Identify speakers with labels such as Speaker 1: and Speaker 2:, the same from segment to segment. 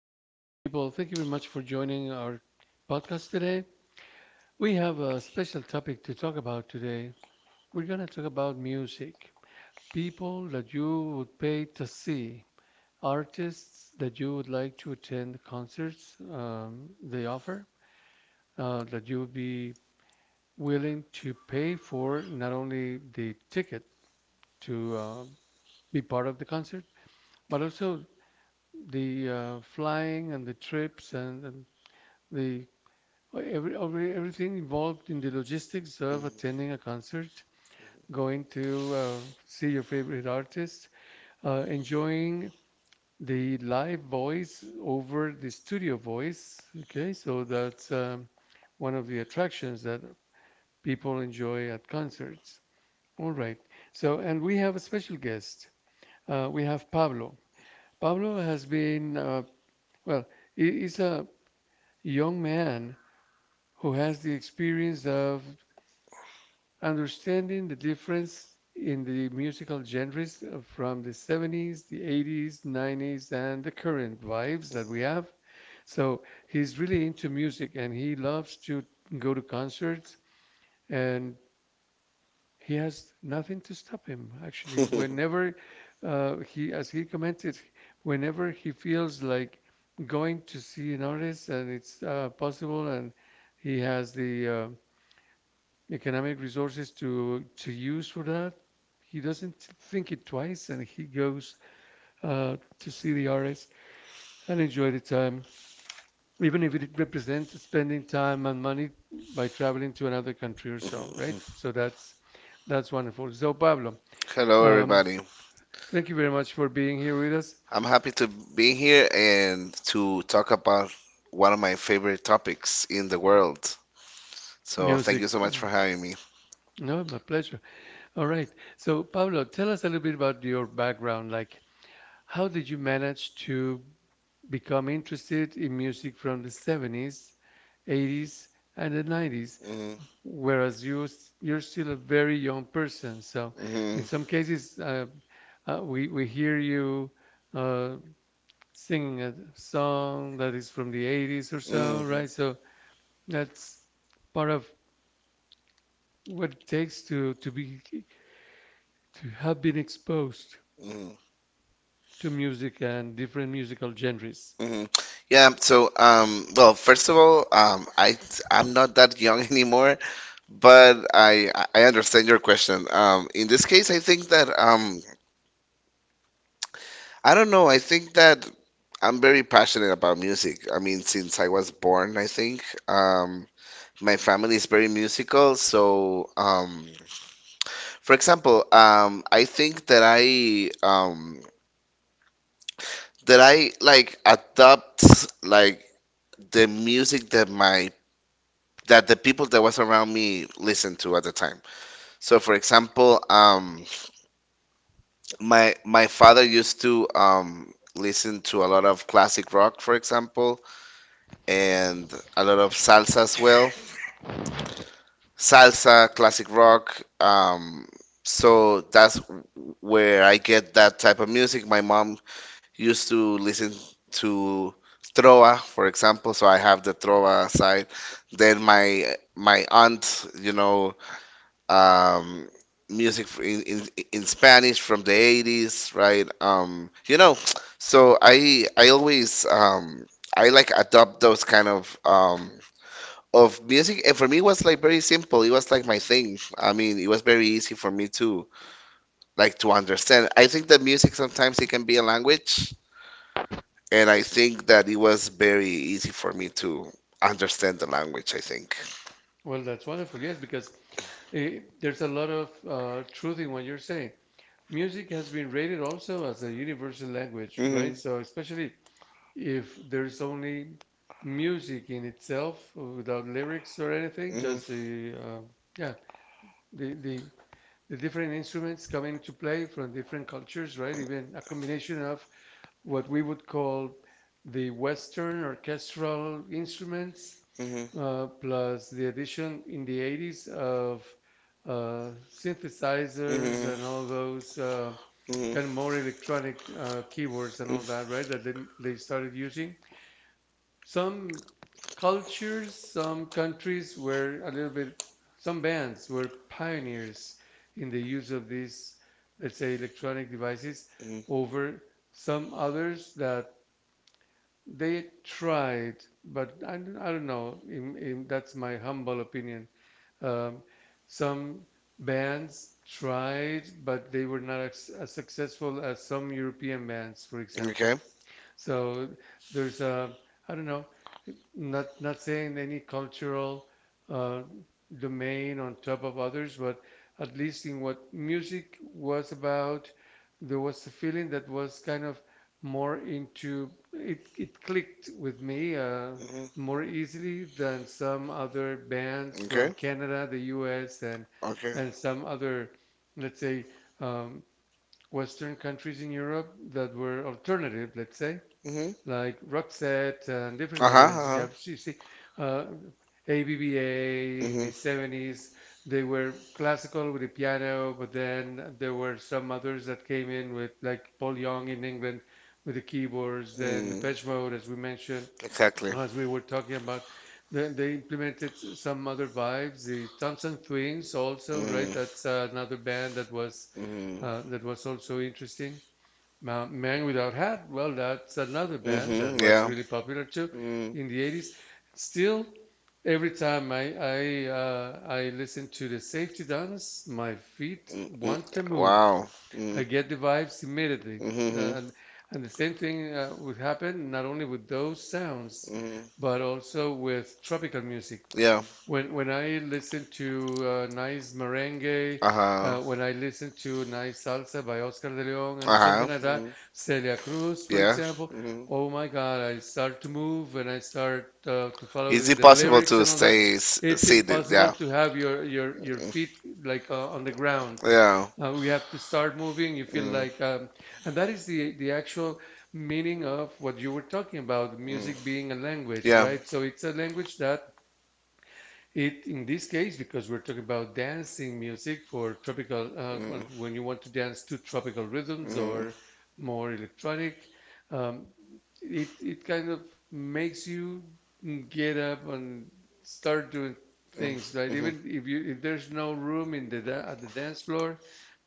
Speaker 1: hello, my people. Thank you very much for joining our podcast today. We have a special topic to talk about today. We're going to talk about music. People that you would pay to see, artists that you would like to attend concerts they offer, that you would be willing to pay for not only the ticket to be part of the concert, but also the flying and the trips, and the everything involved in the logistics of attending a concert, going to see your favorite artist, enjoying the live voice over the studio voice. Okay, so that's one of the attractions that people enjoy at concerts. All right. So, and we have a special guest. We have Pablo. Pablo has been, well, he's a young man who has the experience of understanding the difference in the musical genres from the 70s, the 80s, 90s, and the current vibes that we have. So he's really into music and he loves to go to concerts and he has nothing to stop him actually whenever he as he commented, whenever he feels like going to see an artist and it's possible and he has the economic resources to use for that. He doesn't think it twice, and he goes to see the artist and enjoy the time, even if it represents spending time and money by traveling to another country or so, right? So that's wonderful. So Pablo,
Speaker 2: Hello,
Speaker 1: um,
Speaker 2: everybody.
Speaker 1: thank you very much for being here with us.
Speaker 2: I'm happy to be here and to talk about one of my favorite topics in the world. So, thank
Speaker 1: Music.
Speaker 2: you so much
Speaker 1: Mm,
Speaker 2: for having me.
Speaker 1: no, my pleasure. All right. So, Pablo, tell us a little bit about your background. Like, how did you manage to become interested in music from the 70s, 80s, and the 90s,
Speaker 2: Mhm,
Speaker 1: whereas you're still a very young person. So
Speaker 2: mhm,
Speaker 1: in some cases, we hear you uh, singing a song that is from the 80s or
Speaker 2: mhm,
Speaker 1: so, right? So that's part of what it takes to have been exposed
Speaker 2: mhm,
Speaker 1: to music and different musical genres.
Speaker 2: mhm. First of all, I'm not that young anymore, but I understand your question. In this case, I think that I don't know. I think that I'm very passionate about music. I mean, since I was born, I think. My family is very musical, so for example, I think that I like adopt like the music that my that the people that was around me listened to at the time. So, for example, my father used to listen to a lot of classic rock, for example, and a lot of salsa as well. Salsa, classic rock. So that's where I get that type of music. My mom used to listen to trova, for example, so I have the trova side. Then my aunt, you know, um, music in in Spanish from the 80s, right? You know, so I always I like adopt those kind of music, and for me it was like very simple. It was like my thing. I mean, it was very easy for me to like to understand. I think that music sometimes it can be a language, and I think that it was very easy for me to understand the language, I think.
Speaker 1: Well, that's wonderful, yes, because there's a lot of truth in what you're saying. Music has been rated also as a universal language, right? So especially if there's only music in itself without lyrics or
Speaker 2: Mhm.
Speaker 1: anything,
Speaker 2: Mhm.
Speaker 1: just
Speaker 2: Mhm.
Speaker 1: the yeah the the the different instruments come into play from different cultures, right? Even a combination of what we would call the Western orchestral instruments plus the addition in the 80s of uh, synthesizers and all those kind of more electronic keyboards and
Speaker 2: Mhm.
Speaker 1: all that, right? That they started
Speaker 2: Mhm.
Speaker 1: using. Some cultures, some countries were a little bit, some bands were pioneers in the use of these, let's say, electronic devices
Speaker 2: Mhm.
Speaker 1: over some others that they tried, but I don't know. That's my humble opinion. Um, some bands tried, but they were not as successful as some European bands, for example.
Speaker 2: Okay.
Speaker 1: So there's a, I don't know, not saying any cultural uh, domain on top of others, but at least in what music was about, there was a feeling that was kind of more into it. It clicked with me
Speaker 2: Hmm.
Speaker 1: more easily than some other bands from
Speaker 2: Okay.
Speaker 1: Canada, the U.S.,
Speaker 2: Okay.
Speaker 1: and some other, let's say, um, Western countries in Europe that were alternative, let's say,
Speaker 2: Hmm.
Speaker 1: like Roxette and different others. Yeah, you see, uh, ABBA in the
Speaker 2: Mhm.
Speaker 1: 70s, they were classical with the piano, but then there were some others that came in with, like, Paul Young in England with the keyboards, then the
Speaker 2: Mm.
Speaker 1: Depeche Mode, as we mentioned,
Speaker 2: Exactly.
Speaker 1: as we were talking about, then they implemented some other vibes. The Thompson Twins also, right? That's uh, another band that was
Speaker 2: Hmm.
Speaker 1: uh, that was also interesting. Man Without Hat, well, that's another band that
Speaker 2: Hmm.
Speaker 1: was really popular too
Speaker 2: Mm.
Speaker 1: in the 80s. Still, every time I listen to the Safety Dance, my feet
Speaker 2: Mm.
Speaker 1: want to move.
Speaker 2: Wow. I
Speaker 1: I
Speaker 2: Mm.
Speaker 1: get the vibes immediately.
Speaker 2: Mm-hmm.
Speaker 1: Uh, and and the same thing would happen not only with those sounds,
Speaker 2: Mm-hmm.
Speaker 1: but also with tropical music.
Speaker 2: Yeah.
Speaker 1: When I listen to nice merengue,
Speaker 2: Huh.
Speaker 1: when I listen to nice salsa by Oscar de Leon and something like that, Celia Cruz, for example,
Speaker 2: Mm-hmm.
Speaker 1: oh my God, I start to move and I start to follow the lyrics and all that.
Speaker 2: s-
Speaker 1: It's impossible to have your feet,
Speaker 2: Mm.
Speaker 1: like, on the ground.
Speaker 2: Yeah.
Speaker 1: We have to start moving. You feel like, and that is the actual meaning of what you were talking about, music
Speaker 2: Mm.
Speaker 1: being a language,
Speaker 2: Yeah.
Speaker 1: right? So it's a language that it in this case, because we're talking about dancing music for tropical, uh,
Speaker 2: Mm.
Speaker 1: when when you want to dance to tropical rhythms
Speaker 2: Mm.
Speaker 1: or more electronic, um, it kind of makes you get up and start doing things, right?
Speaker 2: Mhm.
Speaker 1: Even if you if there's no room in the at the dance floor,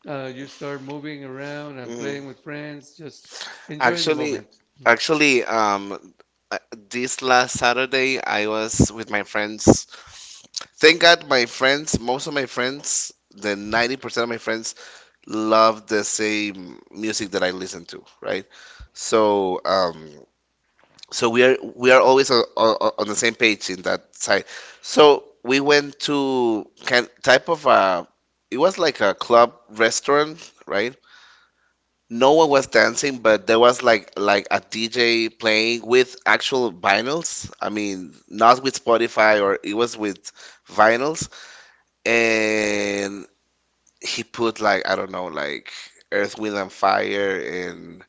Speaker 1: you start moving around and
Speaker 2: Mhm.
Speaker 1: playing with friends, just enjoying the
Speaker 2: Actually,
Speaker 1: moment.
Speaker 2: Actually, um, uh, this last Saturday I was with my friends. Thank God, my friends, most of my friends, the 90% of my friends love the same music that I listen to, right? So, um, So we are always on the same page in that side. So we went to kind type of a, it was like a club restaurant, right? No one was dancing, but there was like a DJ playing with actual vinyls. I mean, not with Spotify, or it was with vinyls, and he put like I don't know, like Earth, Wind and Fire, and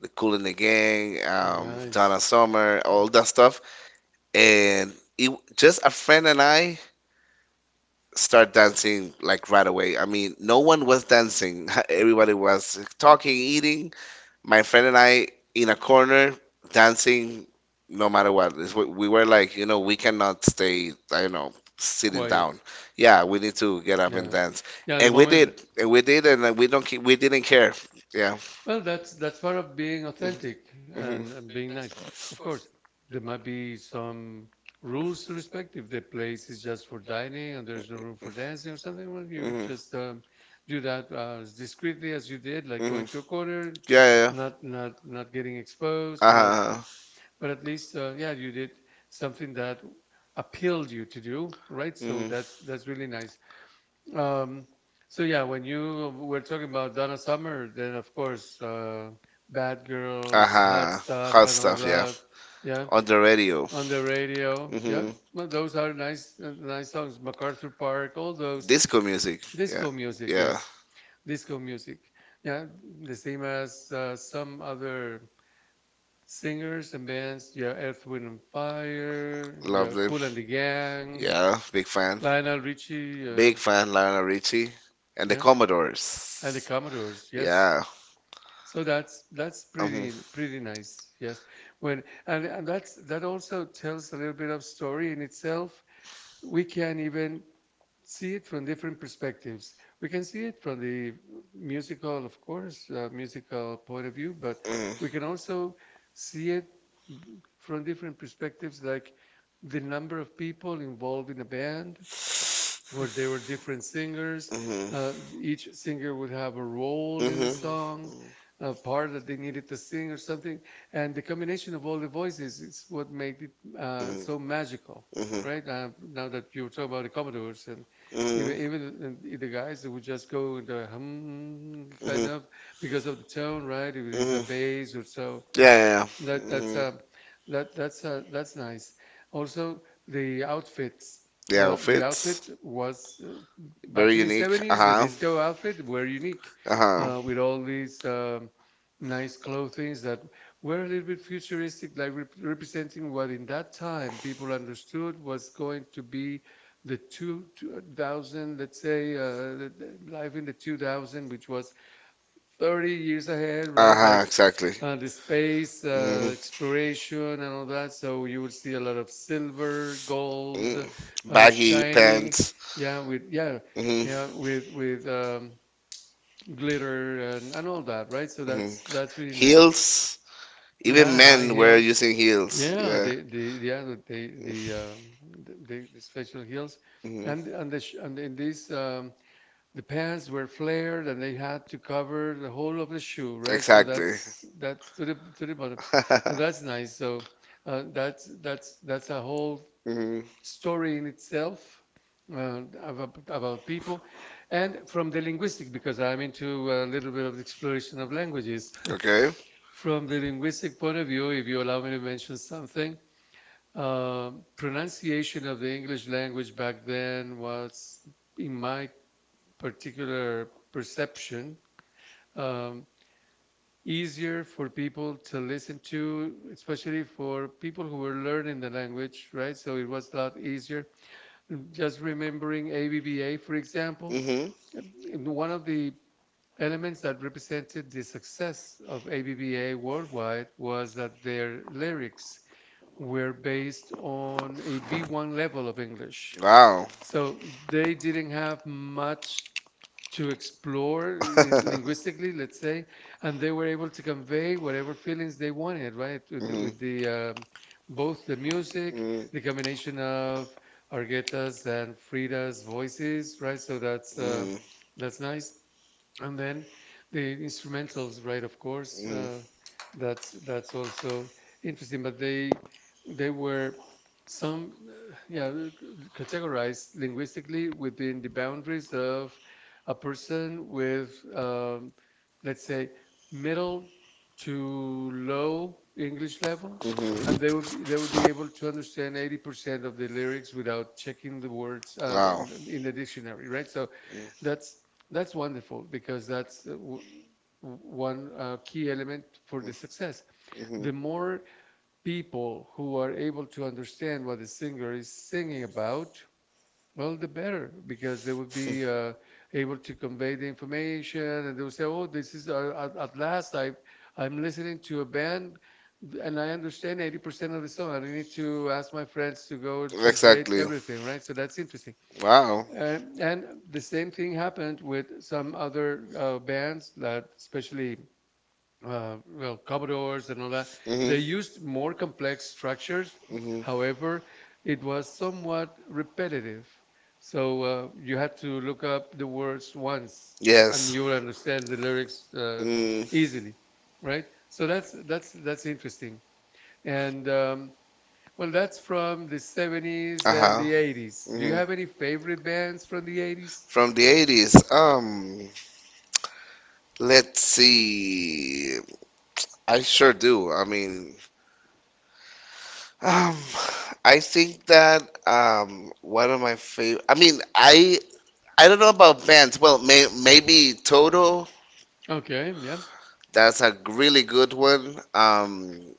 Speaker 2: the Cool and the Gang,
Speaker 1: Nice.
Speaker 2: Donna Summer, all that stuff, and it just a friend and I start dancing like right away. I mean, no one was dancing. Everybody was talking, eating. My friend and I in a corner dancing no matter what. It's, we were like, you know, we cannot stay, I don't know, sitting down.
Speaker 1: Quiet.
Speaker 2: Yeah, we need to get up and
Speaker 1: Yeah.
Speaker 2: dance.
Speaker 1: Yeah, the
Speaker 2: And we
Speaker 1: moment.
Speaker 2: did. And we did, and we don't ca- we didn't care. Yeah.
Speaker 1: Well, that's part of being authentic
Speaker 2: Mhm.
Speaker 1: and being nice. Of course, there might be some rules to respect if the place is just for dining and there's no room for dancing or something. Well, you would
Speaker 2: Mhm. Hmm.
Speaker 1: just do that as discreetly as you did, like
Speaker 2: Hmm.
Speaker 1: going to a corner,
Speaker 2: Yeah, yeah.
Speaker 1: not getting exposed, not,
Speaker 2: Uh-huh.
Speaker 1: but at least yeah, you did something that appealed you to do, right? So
Speaker 2: Mm-hmm.
Speaker 1: that's really nice. Um, so yeah, when you were talking about Donna Summer, then of course, Bad Girls, Hot
Speaker 2: Uh-huh.
Speaker 1: Stuff,
Speaker 2: Hot
Speaker 1: and all
Speaker 2: stuff, yeah.
Speaker 1: that. Yeah,
Speaker 2: On the radio. On
Speaker 1: on the radio. Yeah,
Speaker 2: Mm-hmm.
Speaker 1: well, those are nice, nice songs. MacArthur Park, all those.
Speaker 2: Disco music. Yeah.
Speaker 1: Disco music,
Speaker 2: Yeah.
Speaker 1: yes, disco music. Yeah, the same as some other singers and bands. Yeah, Earth, Wind and Fire.
Speaker 2: Love
Speaker 1: Yeah,
Speaker 2: them.
Speaker 1: Kool and the Gang.
Speaker 2: Yeah. Big fan.
Speaker 1: Lionel Richie.
Speaker 2: Big fan, Lionel Richie. And the
Speaker 1: Yeah. And the
Speaker 2: Commodores.
Speaker 1: Commodores, yes.
Speaker 2: Yeah.
Speaker 1: So that's
Speaker 2: Um,
Speaker 1: pretty pretty nice, yes. When and that's that also tells a little bit of story in itself. We can even see it from different perspectives. We can see it from the musical, of course, musical point of view, but we can
Speaker 2: mhm,
Speaker 1: also see it from different perspectives, like the number of people involved in a band, where there were different singers,
Speaker 2: mhm,
Speaker 1: uh, each singer would have a role in the
Speaker 2: mhm,
Speaker 1: song, a part that they needed to sing or something, and the combination of all the voices is what made it so magical,
Speaker 2: mhm, mhm,
Speaker 1: right? Now that you were talking about the Commodores and even
Speaker 2: mhm.
Speaker 1: and the guys that would just go in the hum kind
Speaker 2: Mhm.
Speaker 1: of because of the tone, right? If it is a
Speaker 2: Mhm.
Speaker 1: bass or so,
Speaker 2: Yeah, yeah, yeah.
Speaker 1: that
Speaker 2: Hmm.
Speaker 1: that's
Speaker 2: The
Speaker 1: um, that's nice. Also, the outfits. The outfit
Speaker 2: outfits,
Speaker 1: was
Speaker 2: very
Speaker 1: back in the
Speaker 2: unique. Uh
Speaker 1: 70s, the
Speaker 2: huh.
Speaker 1: disco outfit were unique
Speaker 2: Uh huh.
Speaker 1: with all these nice clothings that were a little bit futuristic, like representing what in that time people understood was going to be 2000, let's say, the life in the 2000, which was 30 years ahead, right?
Speaker 2: Uh-huh,
Speaker 1: Like
Speaker 2: exactly.
Speaker 1: the space exploration and all that. So you will see a lot of silver, gold,
Speaker 2: Mm.
Speaker 1: shining. Yeah, with, yeah, yeah, with glitter and all that, right? So that's really nice.
Speaker 2: Heels.
Speaker 1: Yeah, high heels.
Speaker 2: Using heels.
Speaker 1: Yeah, the yeah the the special heels, and and in these the pants were flared and they had to cover the whole of the shoe, right?
Speaker 2: that's
Speaker 1: So that's to the bottom, and that's nice. So that's that's a whole
Speaker 2: Mhm.
Speaker 1: story in itself about people, and from the linguistic, because I'm into a little bit of exploration of languages.
Speaker 2: Okay.
Speaker 1: From the linguistic point of view, if you allow me to mention something, pronunciation of the English language back then was, in my particular perception, um, easier for people to listen to, especially for people who were learning the language, right? So it was a lot easier. Just remembering ABBA, for example,
Speaker 2: Mm-hmm.
Speaker 1: one of the elements that represented the success of ABBA worldwide was that their lyrics were based on a B1 level of English.
Speaker 2: Wow.
Speaker 1: So they didn't have much to explore linguistically, let's say, and they were able to convey whatever feelings they wanted, right? With with
Speaker 2: Mhm.
Speaker 1: the both the music, the
Speaker 2: Mm-hmm.
Speaker 1: combination of Argeta's and Frida's voices, right? So that's nice. And then the instrumentals, right? Of course,
Speaker 2: Mhm.
Speaker 1: that's also interesting. But they were some categorized linguistically within the boundaries of a person with let's say middle to low English level, and they would be able to understand 80% of the lyrics without checking the words in the dictionary, right? So that's that's wonderful because that's one key element for the success.
Speaker 2: Hmm.
Speaker 1: The more people who are able to understand what the singer is singing about, well, the better because they would be able to convey the information, and they would say, "Oh, this is at last. I'm listening to a band, and I understand 80% of the song. I don't need to ask my friends to go and translate everything, right? So that's interesting.
Speaker 2: Wow.
Speaker 1: And the same thing happened with some other bands that, especially well, Commodores and all that. They
Speaker 2: Hmm.
Speaker 1: used more complex structures,
Speaker 2: Hmm.
Speaker 1: however, it was somewhat repetitive. So you had to look up the words once and
Speaker 2: Yes.
Speaker 1: you will understand the lyrics
Speaker 2: Mm.
Speaker 1: easily, right? So that's interesting. And well, that's from the 70s and
Speaker 2: Uh-huh.
Speaker 1: the 80s. Do
Speaker 2: Mhm.
Speaker 1: you have any favorite bands from the 80s?
Speaker 2: From the 80s. Let's see. I sure do. I mean, um, I think that one of my favorite. I don't know about Vans. Maybe Toto.
Speaker 1: Okay, yeah.
Speaker 2: That's a really good one.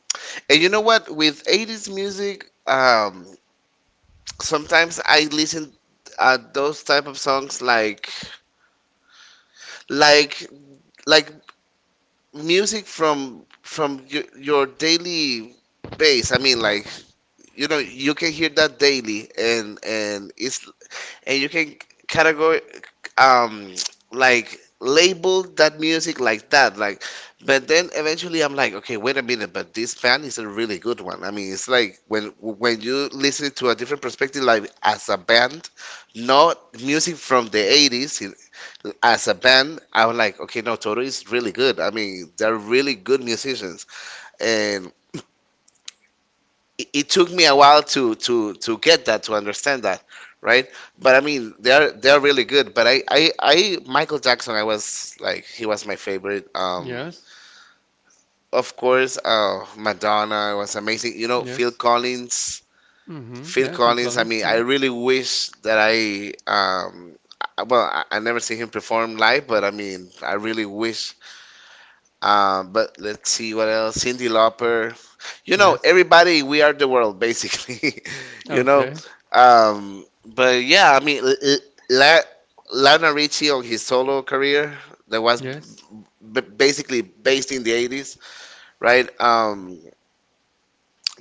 Speaker 2: And you know what? With 80s music, sometimes I listen those type of songs like like music from your daily base. I mean, like you know, you can hear that daily, and it's and you can category um like label that music like that like, but then eventually I'm like okay wait a minute, but this band is a really good one. I mean, it's like when you listen to a different perspective like as a band, not music from the 80s as a band. I was like okay, no, Toto is really good. I mean, they're really good musicians. It took me a while to to get that, to understand that, right? But I mean, they're really good. But I, Michael Jackson, I was like he was my favorite.
Speaker 1: Yes.
Speaker 2: Of course, Madonna was amazing, you know, Phil
Speaker 1: Yes.
Speaker 2: Collins.
Speaker 1: Mm-hmm.
Speaker 2: Phil
Speaker 1: Yeah, Phil
Speaker 2: Collins, I
Speaker 1: Collins
Speaker 2: mean, I
Speaker 1: too.
Speaker 2: really wish that I never see him perform live, but I mean I really wish. But let's see what else. Cindy Lauper. You know,
Speaker 1: Yes.
Speaker 2: everybody, we are the world, basically. You know,
Speaker 1: Okay.
Speaker 2: but yeah, I mean, La- Lionel Richie on his solo career, that was Yes,
Speaker 1: Yes.
Speaker 2: basically based in the 80s, right?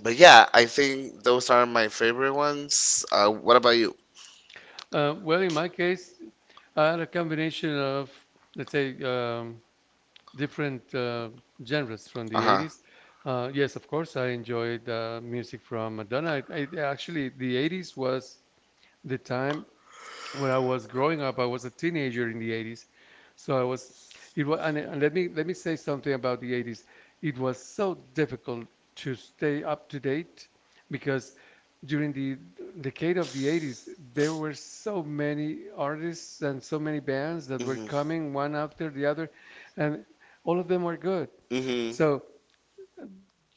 Speaker 2: But yeah, I think those are my favorite ones. What about you?
Speaker 1: Well, in my case, I had a combination of, let's say, different genres from
Speaker 2: Uh
Speaker 1: the
Speaker 2: huh.
Speaker 1: 80s. Yes, of course, I enjoyed music from Madonna. Actually, the 80s was the time when I was growing up. I was a teenager in the 80s. So I was, it was, And, let me say something about the 80s. It was so difficult to stay up to date because during the decade of the 80s, there were so many artists and so many bands that were
Speaker 2: Hmm.
Speaker 1: coming one after the other, and all of them were good.
Speaker 2: Hmm.
Speaker 1: So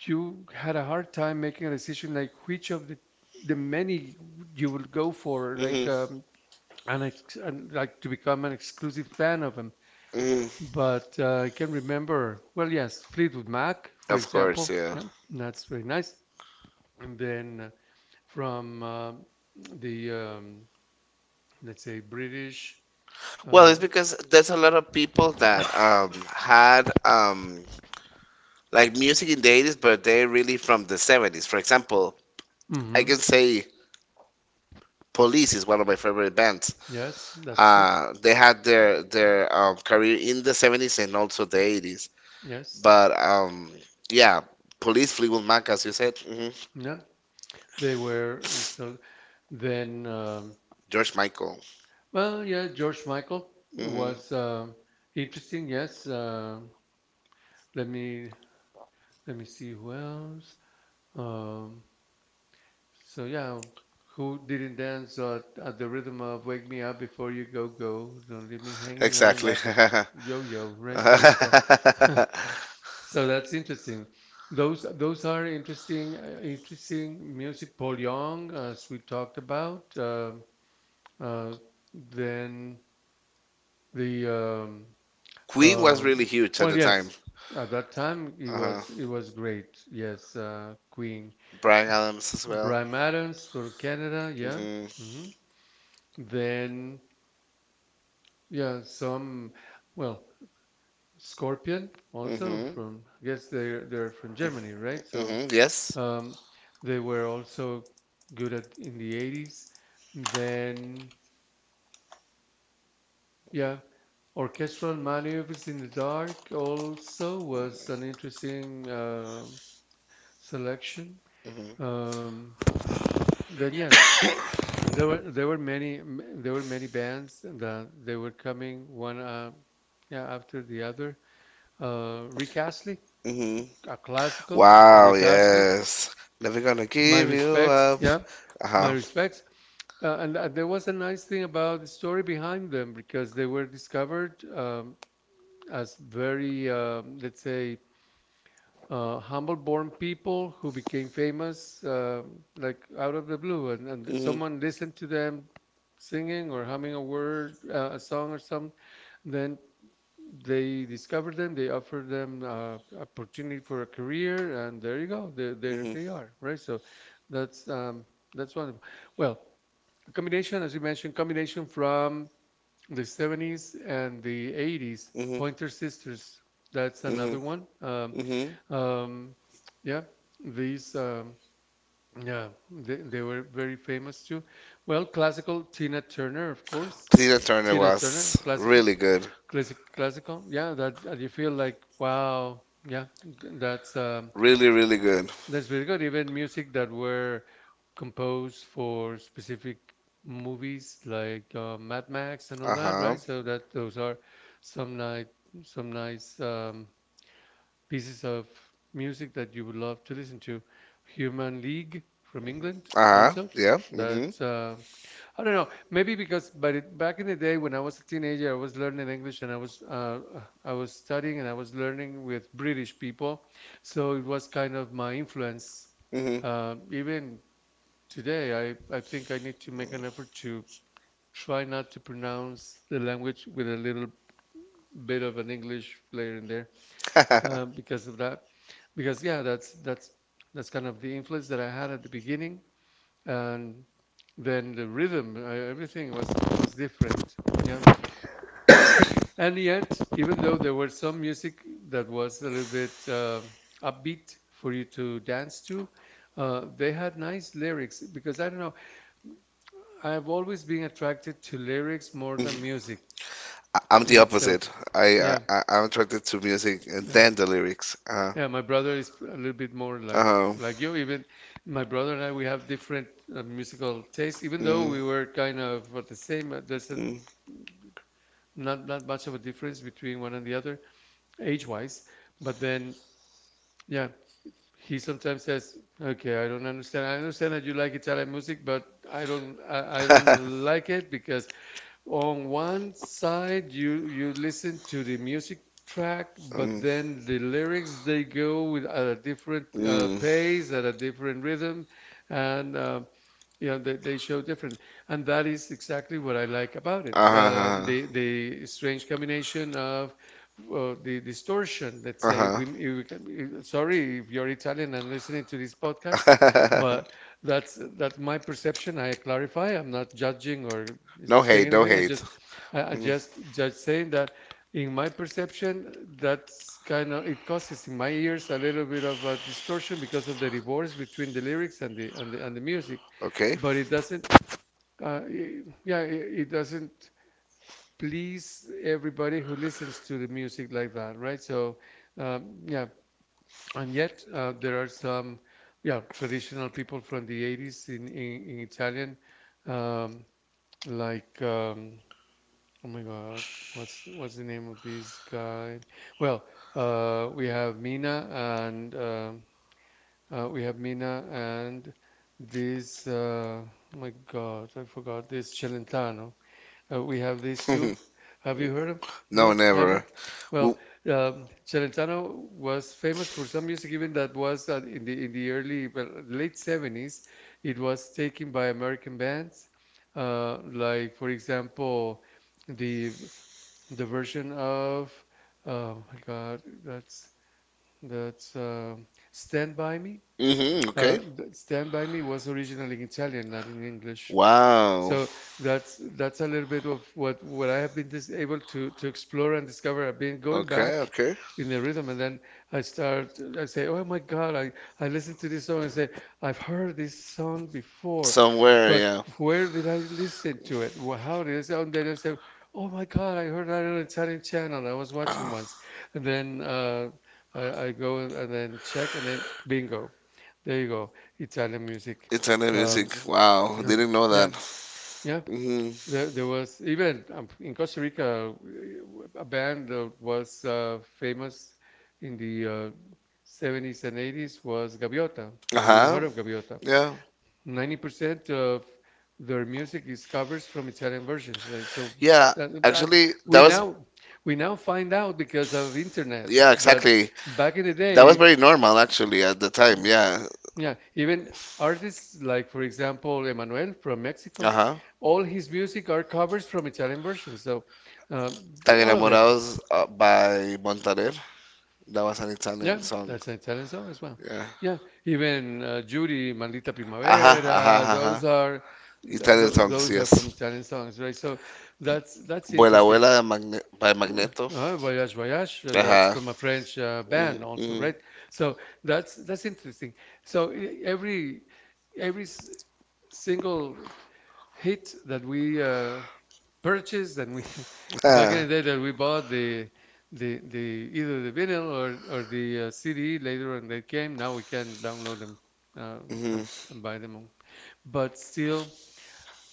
Speaker 1: you had a hard time making a decision, like which of the many you would go for, like
Speaker 2: Hmm.
Speaker 1: and like to become an exclusive fan of him.
Speaker 2: Hmm.
Speaker 1: But I can remember, well, yes, Fleetwood Mac, for
Speaker 2: Of course,
Speaker 1: example.
Speaker 2: yeah.
Speaker 1: Yeah, that's very nice. And then from the let's say British.
Speaker 2: Well,
Speaker 1: Uh,
Speaker 2: it's because there's a lot of people that had like music in the 80s, but they're really from the 70s. For example, I can
Speaker 1: mhm.
Speaker 2: say Police is one of my favorite bands.
Speaker 1: Yes, that's true.
Speaker 2: They had their career in the 70s and also the 80s.
Speaker 1: Yes.
Speaker 2: But yeah, Police, Fleetwood Mac, as you said. Hmm.
Speaker 1: Yeah, they were. Mm. So then,
Speaker 2: George Michael.
Speaker 1: well, yeah, George Michael was
Speaker 2: Hmm.
Speaker 1: interesting. Yes. Let me see who else. Um, yeah, who didn't dance at the rhythm of "Wake Me Up Before You Go Go"? Don't leave me hanging on. Exactly.
Speaker 2: Exactly.
Speaker 1: Like a yo-yo, right? So it's a So that's interesting. Those are interesting music. Paul Young, as we talked about. Uh, then the
Speaker 2: Queen was really
Speaker 1: Um,
Speaker 2: huge at
Speaker 1: well,
Speaker 2: the time.
Speaker 1: yes, at that time
Speaker 2: Uh huh.
Speaker 1: it was
Speaker 2: Bryan
Speaker 1: great. Yes, Queen,
Speaker 2: Adams as well.
Speaker 1: Brian Adams from Canada. Yeah.
Speaker 2: Mhm.
Speaker 1: Hmm. Then yeah, some, well, Scorpion also
Speaker 2: Mhm.
Speaker 1: from, I guess they're from Germany, right? So
Speaker 2: Mhm. Yes.
Speaker 1: um, they were also good at in the 80s. Then yeah, Orchestral Maneuvers in the Dark also was an interesting selection.
Speaker 2: Mhm.
Speaker 1: Um, then yes, and there were there were many bands that they were coming one yeah after the other. Rick Astley,
Speaker 2: Mhm.
Speaker 1: a classical
Speaker 2: Wow.
Speaker 1: Rick Astley. Gonna
Speaker 2: Yes. Never gonna
Speaker 1: My keep
Speaker 2: give you
Speaker 1: respects,
Speaker 2: up.
Speaker 1: yeah, alive.
Speaker 2: Uh
Speaker 1: My
Speaker 2: huh.
Speaker 1: respects. And, there was a nice thing about the story behind them because they were discovered as very, let's say, humble-born people who became famous like out of the blue, and
Speaker 2: Mhm. Mhm.
Speaker 1: someone listened to them singing or humming a word, a song or something. Then they discovered them, they offered them opportunity for a career, and there you go, there
Speaker 2: Mhm.
Speaker 1: they are, right? So that's um, that's wonderful. Well, a combination, as you mentioned, combination from the 70s and the 80s, Pointer Sisters, that's
Speaker 2: Mhm.
Speaker 1: another one.
Speaker 2: Mhm.
Speaker 1: Um, yeah, these, um, yeah, they were very famous too. Well, classical, Tina Turner, of course.
Speaker 2: Turner
Speaker 1: Tina Turner, classical.
Speaker 2: really good.
Speaker 1: Classical. Yeah, that, that you feel like, wow, yeah, th- that's um,
Speaker 2: Really, really good.
Speaker 1: that's really good. Even music that were composed for specific movies like Mad Max and all
Speaker 2: Uh
Speaker 1: that,
Speaker 2: huh.
Speaker 1: right? So that those are some nice, some nice pieces of music that you would love to listen to. Human League from England
Speaker 2: Uh-huh.
Speaker 1: also.
Speaker 2: Yeah. Mm-hmm.
Speaker 1: That's I don't know. Maybe because by the, back in the day when I was a teenager, I was learning English and I was studying and I was learning with British people, so it was kind of my influence
Speaker 2: Mm-hmm.
Speaker 1: even today, I think I need to make an effort to try not to pronounce the language with a little bit of an English layer in there because of that. Because yeah, that's kind of the influence that I had at the beginning, and then the rhythm, everything was different. Yeah, and yet, even though there were some music that was a little bit upbeat for you to dance to, they had nice lyrics because I don't know. I've always been attracted to lyrics more than music
Speaker 2: I'm the
Speaker 1: in itself.
Speaker 2: opposite.
Speaker 1: Yeah,
Speaker 2: I'm attracted to music and
Speaker 1: yeah,
Speaker 2: then the lyrics.
Speaker 1: yeah. My brother is a little bit more like
Speaker 2: Uh,
Speaker 1: you. Even my brother and I, we have different musical tastes. Even
Speaker 2: mm,
Speaker 1: though
Speaker 2: mm.
Speaker 1: we were kind of at the same, not much of a difference between one and the other age-wise. But then, yeah. He sometimes says, "Okay, I don't understand. I understand that you like Italian music, but I don't. I don't
Speaker 2: Mm,
Speaker 1: like it because on one side you listen to the music track, but then the lyrics, they go with at a different
Speaker 2: mm.
Speaker 1: pace, at a different rhythm, and you know, they show different, and that is exactly what I like about it.
Speaker 2: Uh-huh.
Speaker 1: The strange combination of the distortion. Let's say
Speaker 2: Uh-huh.
Speaker 1: if we can, sorry if you're Italian and listening to this podcast, but that's my perception. I clarify. I'm not judging or
Speaker 2: No
Speaker 1: saying
Speaker 2: hate, no
Speaker 1: anything. I
Speaker 2: hate.
Speaker 1: just I
Speaker 2: Mhm.
Speaker 1: just saying that in my perception, that's kind of it causes in my ears a little bit of a distortion because of the divorce between the lyrics and and the music,
Speaker 2: Okay.
Speaker 1: but it doesn't yeah it doesn't please everybody who listens to the music like that, right? So yeah, and yet there are some yeah traditional people from the 80s in Italian, um, like um, oh my God, what's the name of this guy? Well, we have Mina and uh, we have Mina and this oh my God, I forgot, this Celentano. We have these two. Have you heard of?
Speaker 2: No,
Speaker 1: No, never.
Speaker 2: never.
Speaker 1: Well,
Speaker 2: Well,
Speaker 1: Celentano was famous for some music, even that was in the early, well, late 70s. It was taken by American bands, like for example, the the version of oh my God, that's Stand By Me.
Speaker 2: mm-hmm, okay.
Speaker 1: Stand By Me was originally in Italian, not in English.
Speaker 2: Wow.
Speaker 1: So that's a little bit of what I have been dis able to explore and discover. I've been going
Speaker 2: Okay,
Speaker 1: back
Speaker 2: okay.
Speaker 1: in the rhythm, and then I start. I say, "Oh my God!" I listen to this song and say, "I've heard this song before,
Speaker 2: Somewhere,
Speaker 1: but
Speaker 2: yeah.
Speaker 1: where did I listen to it? How did it sound?" And then I say, "Oh my God! I heard that on an Italian channel. I was watching once."
Speaker 2: Oh,
Speaker 1: And then I go and then check, and then bingo. There you go, Italian music.
Speaker 2: Italian music.
Speaker 1: Um,
Speaker 2: Wow,
Speaker 1: um,
Speaker 2: didn't know that.
Speaker 1: yeah, yeah.
Speaker 2: Mm-hmm.
Speaker 1: There was even in Costa Rica a band that was famous in the 70s and 80s, was Gaviota. Have you
Speaker 2: Uh-huh.
Speaker 1: heard of Gaviota?
Speaker 2: Yeah.
Speaker 1: 90% of their music is covers from Italian versions. Right? So
Speaker 2: Yeah,
Speaker 1: uh, uh,
Speaker 2: actually, that
Speaker 1: we
Speaker 2: was.
Speaker 1: now find out because of internet,
Speaker 2: Yeah,
Speaker 1: but
Speaker 2: exactly.
Speaker 1: back in the
Speaker 2: That was
Speaker 1: day.
Speaker 2: very normal, actually, at the time. Yeah.
Speaker 1: Yeah, even artists like, for example, Emmanuel from Mexico,
Speaker 2: Uh-huh.
Speaker 1: all his music are covers from Italian versions, so
Speaker 2: Tan
Speaker 1: all of it.
Speaker 2: enamorados by Montaner. That was an
Speaker 1: Yeah,
Speaker 2: Italian song.
Speaker 1: that's an Italian song as well.
Speaker 2: Yeah.
Speaker 1: Yeah, even Judy, Maldita
Speaker 2: Ajá,
Speaker 1: Primavera,
Speaker 2: ajá, ajá.
Speaker 1: those are th
Speaker 2: Italian
Speaker 1: th
Speaker 2: songs,
Speaker 1: those are from
Speaker 2: yes.
Speaker 1: Italian songs, right? So that's
Speaker 2: Vuela
Speaker 1: interesting.
Speaker 2: Vuela de Magne by
Speaker 1: Uh,
Speaker 2: Magneto.
Speaker 1: Voyage Voyage, that's
Speaker 2: Ajá.
Speaker 1: from a French band
Speaker 2: Mm,
Speaker 1: also,
Speaker 2: mm.
Speaker 1: right? So that's interesting. So every every s- single hit that we purchased and we back
Speaker 2: Ah,
Speaker 1: in the day that we bought the either the vinyl or the CD later on they came. Now we can download them uh,
Speaker 2: mhm.
Speaker 1: and buy them all. But still,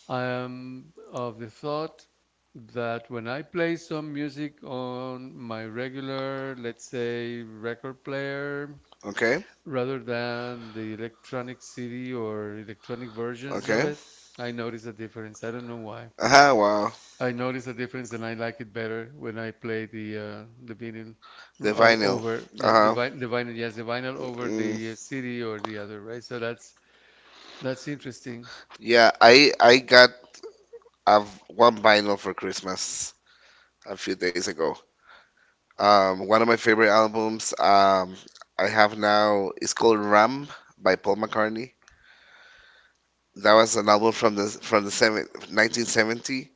Speaker 1: I am of the thought that when I play some music on my regular, let's say, record player,
Speaker 2: Okay,
Speaker 1: rather than the electronic CD or electronic versions of
Speaker 2: okay.
Speaker 1: it, I notice a difference. I don't know why.
Speaker 2: Ajá, wow.
Speaker 1: I notice a difference and I like it better when I play the vinyl
Speaker 2: The
Speaker 1: Right.
Speaker 2: vinyl.
Speaker 1: over yeah the
Speaker 2: Ajá.
Speaker 1: Yeah. vi the vinyl yes the vinyl over
Speaker 2: Mm.
Speaker 1: the CD or the other, right. So that's interesting.
Speaker 2: Yeah, I got a, one vinyl for Christmas a few days ago. One of my favorite albums I have now is called Ram by Paul McCartney. That was an album from 1970,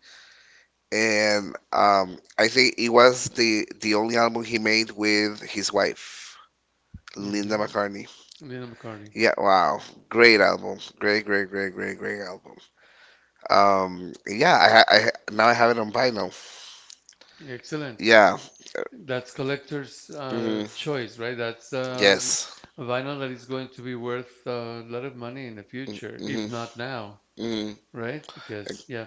Speaker 2: and I think it was the only album he made with his wife, Linda
Speaker 1: hmm
Speaker 2: McCartney.
Speaker 1: Lennon McCartney.
Speaker 2: Yeah, wow, great album, great, great, great, great, great album. Yeah, now I have it on vinyl.
Speaker 1: Excellent.
Speaker 2: Yeah.
Speaker 1: That's collector's
Speaker 2: Mhm.
Speaker 1: choice, right? That's
Speaker 2: Yes.
Speaker 1: a vinyl that is going to be worth a lot of money in the future, if not now,
Speaker 2: Mm,
Speaker 1: right? Because, yeah,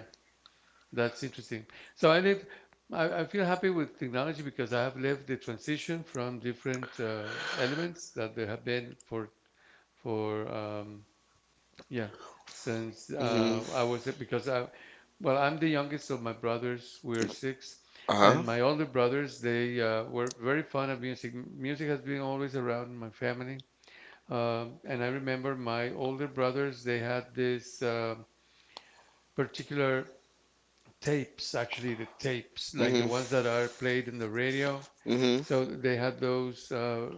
Speaker 1: that's interesting. So I live, I feel happy with technology because I have lived the transition from different elements that there have been for for um, yeah, since
Speaker 2: mhm.
Speaker 1: I was because I, well, I'm the youngest of my brothers. We're six,
Speaker 2: Uh huh.
Speaker 1: and my older brothers they were very fond of music. Music has been always around in my family, and I remember my older brothers they had this particular tapes, actually, the tapes, like the
Speaker 2: Mhm.
Speaker 1: ones that are played in the radio.
Speaker 2: Mhm.
Speaker 1: So they had those, uh,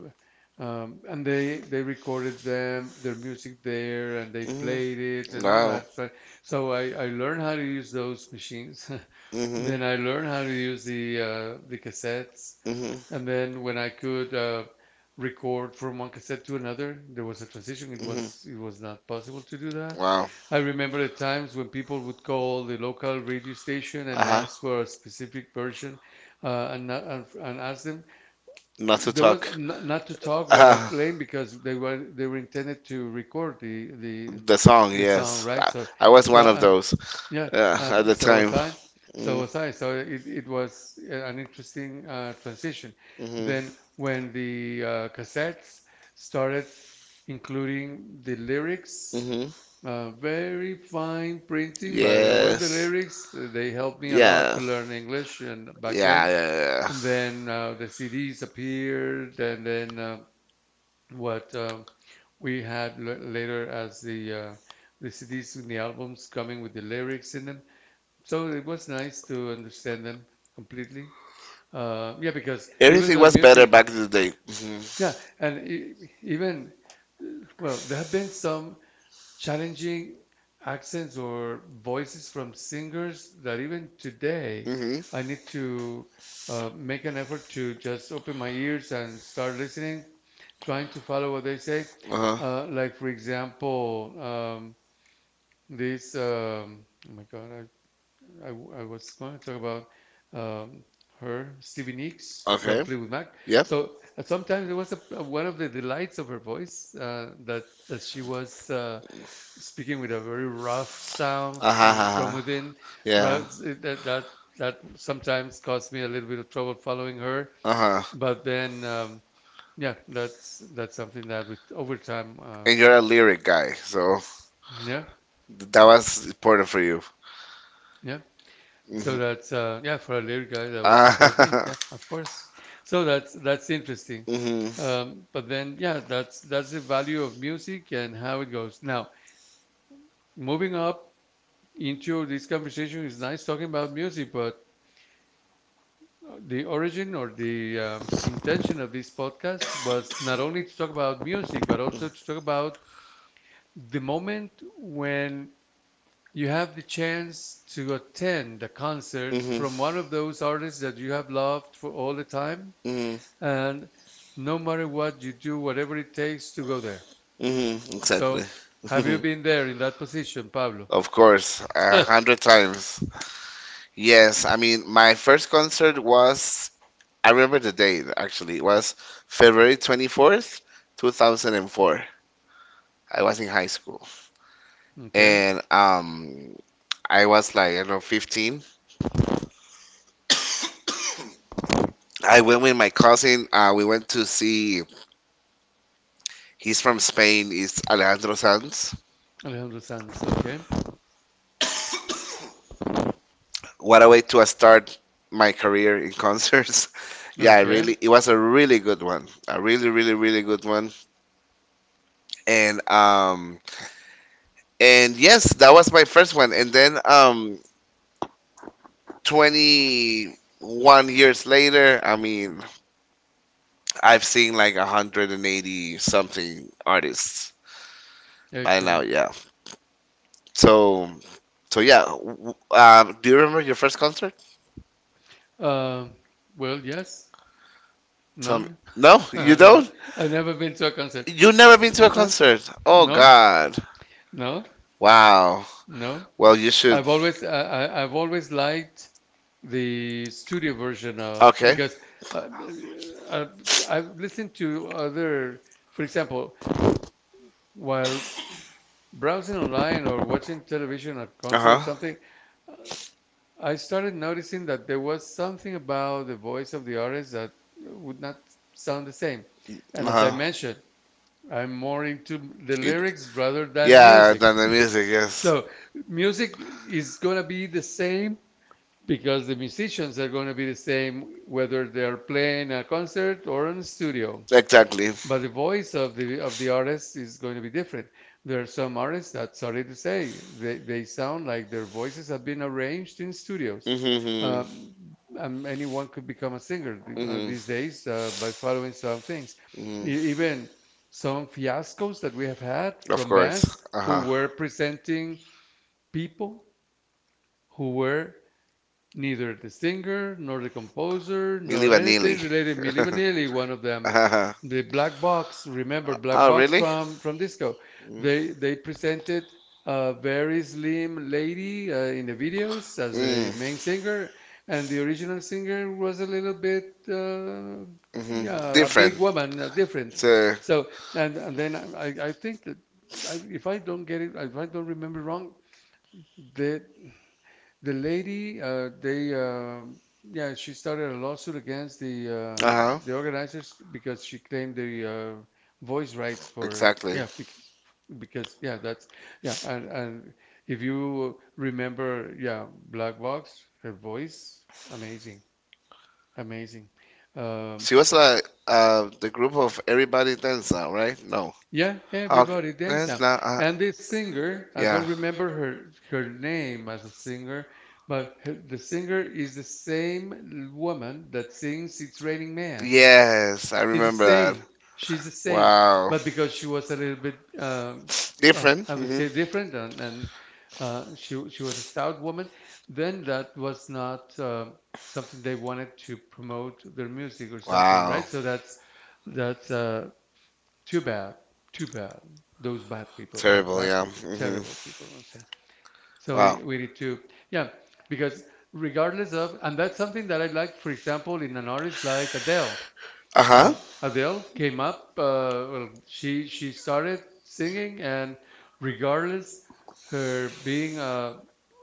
Speaker 1: um, and they recorded them, their music there, and they played
Speaker 2: Mhm.
Speaker 1: it and all
Speaker 2: Wow.
Speaker 1: that. So, so I learned how to use those machines.
Speaker 2: Mhm.
Speaker 1: Then I learned how to use the cassettes,
Speaker 2: Mhm.
Speaker 1: and then when I could record from one cassette to another, there was a transition. It
Speaker 2: Mhm.
Speaker 1: was it was not possible to do that.
Speaker 2: Wow.
Speaker 1: I remember the times when people would call the local radio station
Speaker 2: Uh
Speaker 1: and
Speaker 2: huh.
Speaker 1: ask for a specific version and, not, and ask them.
Speaker 2: Not to
Speaker 1: There was
Speaker 2: talk.
Speaker 1: not to talk while
Speaker 2: Uh,
Speaker 1: playing because they were intended to record the the
Speaker 2: the song,
Speaker 1: the song,
Speaker 2: yes.
Speaker 1: right? So,
Speaker 2: I was
Speaker 1: the,
Speaker 2: one of
Speaker 1: uh,
Speaker 2: those,
Speaker 1: yeah.
Speaker 2: yeah, at the
Speaker 1: So
Speaker 2: time.
Speaker 1: was I. So
Speaker 2: Mm,
Speaker 1: was I. So it was an interesting transition.
Speaker 2: mhm,
Speaker 1: Then when the cassettes started including the lyrics.
Speaker 2: mhm.
Speaker 1: Very fine printing, but what's the
Speaker 2: Yes.
Speaker 1: lyrics? They helped me a lot
Speaker 2: Yeah.
Speaker 1: to learn English and back
Speaker 2: Yeah,
Speaker 1: then.
Speaker 2: yeah,
Speaker 1: And then the CDs appeared, and then
Speaker 2: yeah.
Speaker 1: what we had l later as the CDs and the albums coming with the lyrics in them. So it was nice to understand them completely. Yeah, because even
Speaker 2: Everything
Speaker 1: though
Speaker 2: was better
Speaker 1: music,
Speaker 2: back in the day.
Speaker 1: yeah,
Speaker 2: Mhm.
Speaker 1: and e even well, there have been some challenging accents or voices from singers that even today I
Speaker 2: Mm-hmm.
Speaker 1: need to make an effort to just open my ears and start listening, trying to follow what they say.
Speaker 2: Uh huh.
Speaker 1: Like, for example, oh my God, I was going to talk about um, her, Stevie Nicks from
Speaker 2: Okay.
Speaker 1: Fleetwood Mac.
Speaker 2: Yep.
Speaker 1: So sometimes it was a, one of the delights of her voice that she was. Speaking with a very rough sound
Speaker 2: Uh huh.
Speaker 1: and
Speaker 2: Uh
Speaker 1: from
Speaker 2: huh.
Speaker 1: within.
Speaker 2: Yeah.
Speaker 1: Rough, that sometimes caused me a little bit of trouble following her.
Speaker 2: Uh huh.
Speaker 1: But then, yeah, that's something that with over time,
Speaker 2: And you're a lyric guy, so
Speaker 1: yeah,
Speaker 2: that was important for you. So
Speaker 1: yeah. So that's
Speaker 2: mm-hmm.
Speaker 1: yeah, for a lyric guy that was
Speaker 2: Uh
Speaker 1: important for me.
Speaker 2: huh.
Speaker 1: Yeah, of course. So that's interesting.
Speaker 2: Mm-hmm.
Speaker 1: But then yeah, that's the value of music and how it goes. Now moving up into this conversation is nice talking about music, but the origin or the intention of this podcast was not only to talk about music, but also to talk about the moment when you have the chance to attend a concert
Speaker 2: Mm-hmm.
Speaker 1: from one of those artists that you have loved for all the time,
Speaker 2: Mm-hmm.
Speaker 1: and no matter what you do, whatever it takes to go there.
Speaker 2: Mm-hmm. So exactly.
Speaker 1: So, have you been there in that position, Pablo?
Speaker 2: Of course, a hundred times. Yes, I mean, my first concert was, I remember the date actually, it was February 24th, 2004. I was in high school.
Speaker 1: Okay,
Speaker 2: And I was like, I don't know, 15. I went with my cousin. We went to see, he's from Spain, it's Alejandro Sanz.
Speaker 1: Alejandro Sanz. Okay,
Speaker 2: What a way to start my career in concerts. Yeah, I
Speaker 1: okay,
Speaker 2: really, it was a really good one. A really, really, really good one. And um, And yes, that was my first one. And then 21 years later, I mean, I've seen like 180 something artists by now,
Speaker 1: excellent.
Speaker 2: yeah. So so yeah, do you remember your first concert?
Speaker 1: Um, well, yes,
Speaker 2: Tell me.
Speaker 1: none.
Speaker 2: No,
Speaker 1: No,
Speaker 2: you
Speaker 1: no. No,
Speaker 2: don't?
Speaker 1: I've
Speaker 2: You've
Speaker 1: never
Speaker 2: never
Speaker 1: been to a concert.
Speaker 2: been to a
Speaker 1: Uh-uh.
Speaker 2: concert? Oh
Speaker 1: No,
Speaker 2: God.
Speaker 1: no,
Speaker 2: Wow.
Speaker 1: no.
Speaker 2: Well, you should.
Speaker 1: I've always liked the studio version of
Speaker 2: Okay.
Speaker 1: because uh, uh, I've listened to other, for example, while browsing online or watching television, a concert or
Speaker 2: Uh-huh.
Speaker 1: something. uh, I started noticing that there was something about the voice of the artist that would not sound the same. And as I
Speaker 2: Uh-huh.
Speaker 1: mentioned, I'm more into the
Speaker 2: It-
Speaker 1: lyrics rather than
Speaker 2: yeah,
Speaker 1: music.
Speaker 2: than the music, yes.
Speaker 1: So music is going to be the same because the musicians are going to be the same whether they're playing a concert or in a studio,
Speaker 2: Exactly.
Speaker 1: but the voice of the artist is going to be different. There are some artists that, sorry to say, they sound like their voices have been arranged in studios.
Speaker 2: Mm-hmm.
Speaker 1: Um, Anyone could become a singer these
Speaker 2: Mm-hmm.
Speaker 1: days by following some things.
Speaker 2: Hmm.
Speaker 1: E- even Some fiascos that we have had
Speaker 2: Of
Speaker 1: from
Speaker 2: course.
Speaker 1: bands who
Speaker 2: Uh-huh.
Speaker 1: were presenting people who were neither the singer, nor the composer,
Speaker 2: Milli
Speaker 1: nor
Speaker 2: Vanilli.
Speaker 1: anything related. Milli Vanilli, one of them.
Speaker 2: Uh-huh.
Speaker 1: The Black Box, remember Black
Speaker 2: Oh,
Speaker 1: Box
Speaker 2: really?
Speaker 1: from disco. They presented a very slim lady in the videos as the
Speaker 2: Mm.
Speaker 1: main singer, and the original singer was a little bit
Speaker 2: Mm-hmm.
Speaker 1: yeah, a
Speaker 2: Different.
Speaker 1: big woman, different.
Speaker 2: So,
Speaker 1: So and then I think that I, if I don't get it, if I don't remember wrong, the. The lady, yeah, she started a lawsuit against
Speaker 2: uh huh.
Speaker 1: the organizers because she claimed the voice rights for,
Speaker 2: Exactly.
Speaker 1: yeah, because yeah, that's yeah, and if you remember, yeah, Black Box, her voice, amazing, amazing. Um,
Speaker 2: She was like the group of everybody dance now, right? No.
Speaker 1: Yeah,
Speaker 2: Okay.
Speaker 1: everybody dance now.
Speaker 2: Now.
Speaker 1: And this singer, I
Speaker 2: Yeah.
Speaker 1: don't remember her name as a singer, but her, the singer is the same woman that sings It's Raining Man.
Speaker 2: Yes, I
Speaker 1: It's the
Speaker 2: remember that.
Speaker 1: same. She's the same,
Speaker 2: Wow.
Speaker 1: but because she was a little bit, well,
Speaker 2: Different.
Speaker 1: I would
Speaker 2: Hmm.
Speaker 1: say different, and she was a stout woman, then that was not something they wanted to promote their music or something,
Speaker 2: Wow.
Speaker 1: right? So that's too bad, too bad. Those bad people, you know,
Speaker 2: Terrible,
Speaker 1: bad
Speaker 2: yeah.
Speaker 1: people,
Speaker 2: Hmm.
Speaker 1: terrible people. I say, so
Speaker 2: Wow.
Speaker 1: we need to, yeah, because regardless of, and that's something that I like, for example, in an artist like Adele.
Speaker 2: Uh huh.
Speaker 1: Adele came up, well, she started singing, and regardless her being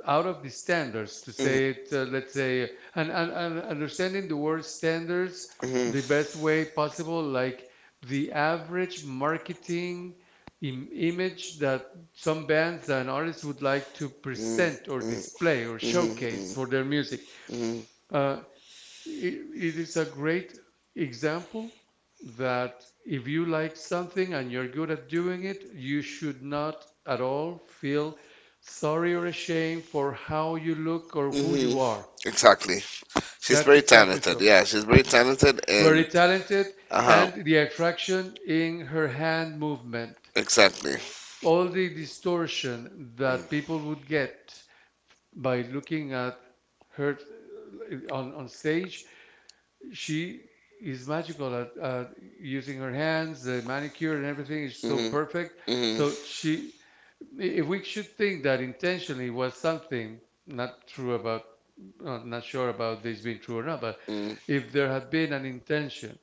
Speaker 1: out of the
Speaker 2: Hmm.
Speaker 1: standards, to say it, let's say, and understanding the word standards the best way possible, like the average marketing image that some bands and artists would like to
Speaker 2: Hmm. Mm
Speaker 1: present or
Speaker 2: mhm,
Speaker 1: display or
Speaker 2: mm hmm
Speaker 1: showcase for their
Speaker 2: hmm
Speaker 1: music. Uh, i- it is a great example that if you like something and you're good at doing it, you should not at all feel sorry or ashamed for how you look or who
Speaker 2: hmm.
Speaker 1: you are.
Speaker 2: Exactly. She's
Speaker 1: That's
Speaker 2: very
Speaker 1: exactly
Speaker 2: talented.
Speaker 1: so.
Speaker 2: Yeah, she's very talented
Speaker 1: Very
Speaker 2: and
Speaker 1: talented,
Speaker 2: uh huh.
Speaker 1: and the attraction in her hand movement.
Speaker 2: Exactly.
Speaker 1: All the distortion that people would
Speaker 2: Mm.
Speaker 1: get by looking at her on stage, she is magical at using her hands, the manicure and everything is so
Speaker 2: Mhm.
Speaker 1: perfect.
Speaker 2: Mhm.
Speaker 1: So she, if we should think that intentionally was something not true about, not sure about this being true or not, but
Speaker 2: Mm.
Speaker 1: if there had been an intention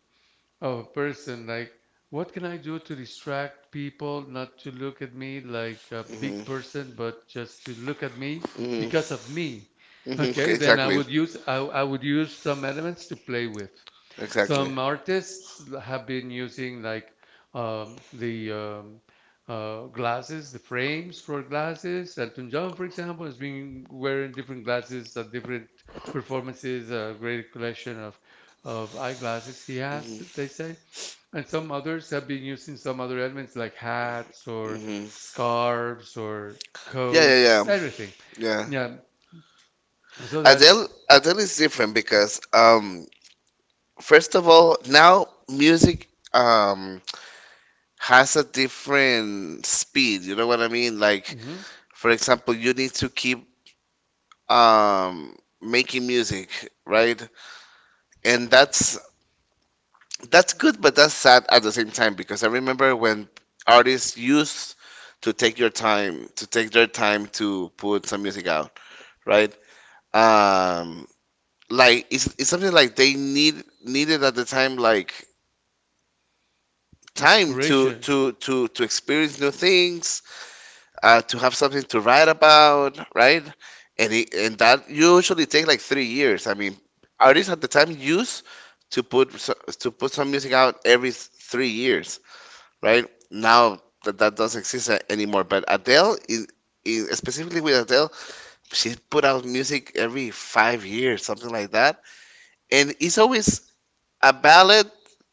Speaker 1: of a person like, what can I do to distract people not to look at me like a big
Speaker 2: Mhm.
Speaker 1: person but just to look at me because of
Speaker 2: Mhm.
Speaker 1: me,
Speaker 2: Mhm.
Speaker 1: okay, then I would use some elements to play with.
Speaker 2: Exactly.
Speaker 1: Some artists have been using like the glasses, the frames for glasses. Elton John, for example, has been wearing different glasses at different performances. A great collection of eyeglasses he has, they say. And some others have been using some other elements like hats
Speaker 2: Mhm.
Speaker 1: or
Speaker 2: Mhm. Coats,
Speaker 1: scarves or
Speaker 2: yeah.
Speaker 1: coats, everything.
Speaker 2: Yeah.
Speaker 1: Yeah. So that's
Speaker 2: Adele, Adele is different because first of all, now music um has a different speed, you know what I mean, like
Speaker 1: mhm,
Speaker 2: for example, you need to keep making music, right? And that's good, but that's sad at the same time because I remember when artists used to take your time, to take their time to put some music out, right? Um, like it's something like they needed at the time, like time to
Speaker 1: inspiration.
Speaker 2: to to to experience new things to have something to write about, right? And that usually takes like 3 years. I mean, artists at the time used to put so- to put some music out every 3 years, right? Now that doesn't exist anymore. But Adele is. Specifically with Adele, she put out music every 5 years, something like that, and it's always a ballad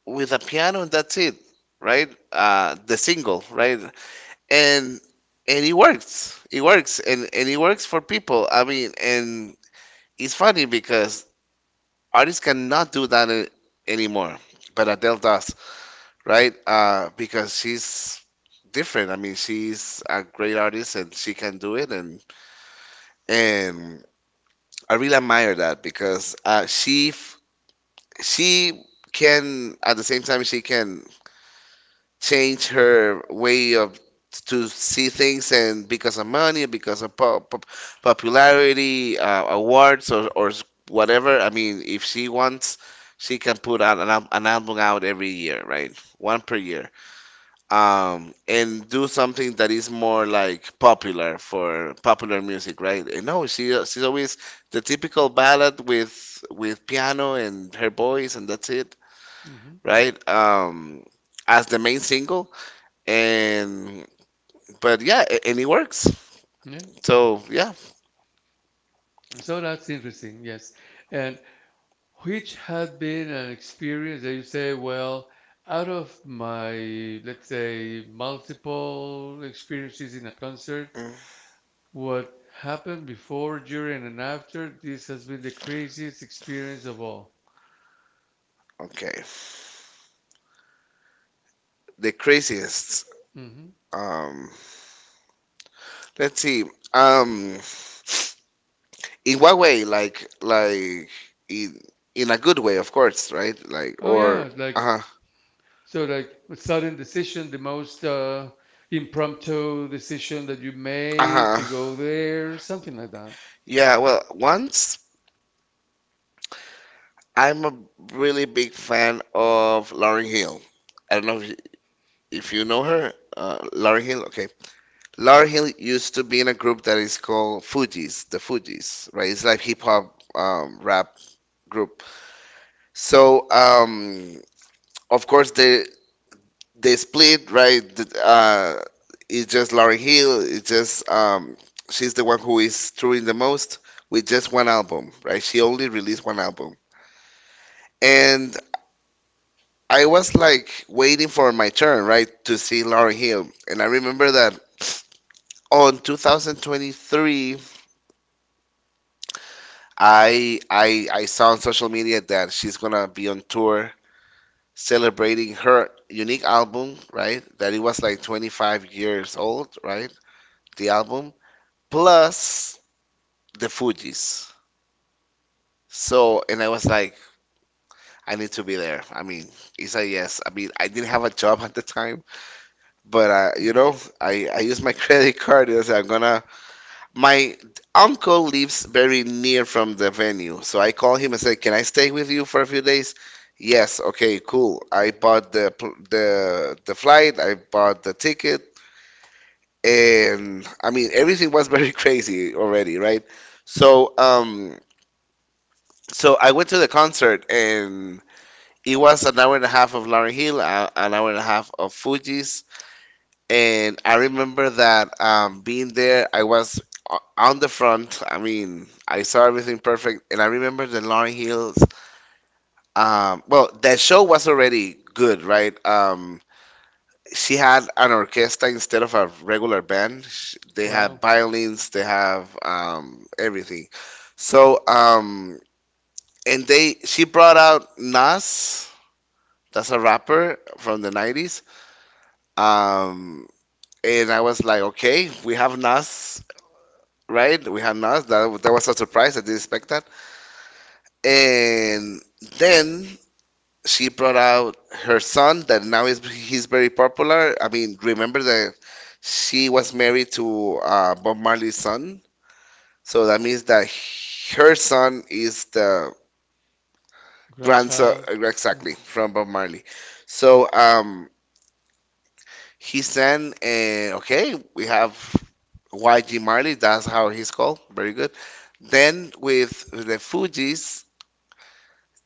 Speaker 2: with a piano, and that's it, right? The single, right? And it works for people, I mean, and it's funny because artists cannot do that anymore, but Adele does, right. Because she's different, I mean, she's a great artist and she can do it. And I really admire that because she can, at the same time she can change her way of to see things. And because of money, because of popularity, awards or whatever, I mean, if she wants, she can put out an album out every year, right, one per year. And do something that is more like popular for popular music, right? And no, she's always the typical ballad with piano and her voice, and that's it,
Speaker 1: Hmm
Speaker 2: right. As the main single. And but yeah, and it works.
Speaker 1: Yeah.
Speaker 2: So yeah.
Speaker 1: So that's interesting. Yes. And which had been an experience that you say, well, out of my, let's say, multiple experiences in a concert,
Speaker 2: Mm.
Speaker 1: what happened before, during, and after, this has been the craziest experience of all.
Speaker 2: Okay. The craziest.
Speaker 1: Hmm
Speaker 2: Um, let's see. Um, in what way? Like in in a good way, of course, right? Like
Speaker 1: Oh
Speaker 2: or
Speaker 1: yeah, like
Speaker 2: uh-huh.
Speaker 1: so, like a sudden decision, the most impromptu decision that you made
Speaker 2: Uh-huh.
Speaker 1: to go there, something like that.
Speaker 2: Yeah, well, once I'm a really big fan of Lauryn Hill. I don't know if you know her, Lauryn Hill. Okay, Lauryn Hill used to be in a group that is called Fugees, the Fugees, right? It's like hip hop, rap group. So of course they split, right? It's just Lauryn Hill. It's just she's the one who is touring the most with just one album, right? She only released one album, and I was like waiting for my turn, right, to see Lauryn Hill, and I remember that on 2023 I saw on social media that she's gonna be on tour celebrating her unique album, right? That it was like 25 years old, right? The album plus the Fugees. So, and I was like, I need to be there. I mean, it's a yes. I mean, I didn't have a job at the time, but you
Speaker 1: Mm.
Speaker 2: know, I used my credit card. And I said, I'm gonna, my uncle lives very near from the venue, so I call him and say, "Can I stay with you for a few days?" Yes, okay, cool. I bought the the flight, I bought the ticket, and I mean everything was very crazy already, right? So so I went to the concert, and it was an hour and a half of Lauryn Hill, an hour and a half of Fugees. And I remember that being there, I was on the front. I mean, I saw everything perfect. And I remember the Lauren Hills. Well, that show was already good, right? She had an orchestra instead of a regular band. They have
Speaker 1: Wow.
Speaker 2: violins, they have everything. So, and they, she brought out Nas, that's a rapper from the 90s. Um, and I was like, okay, we have Nas, right? We had not. That was a surprise. I didn't expect that. And then she brought out her son that now is, he's very popular. I mean, remember that she was married to Bob Marley's son, so that means that her son is the grandson
Speaker 1: Grandchild.
Speaker 2: exactly from Bob Marley. So he sang, and okay, we have YG Marley, that's how he's called. Very good. Then with the Fugees,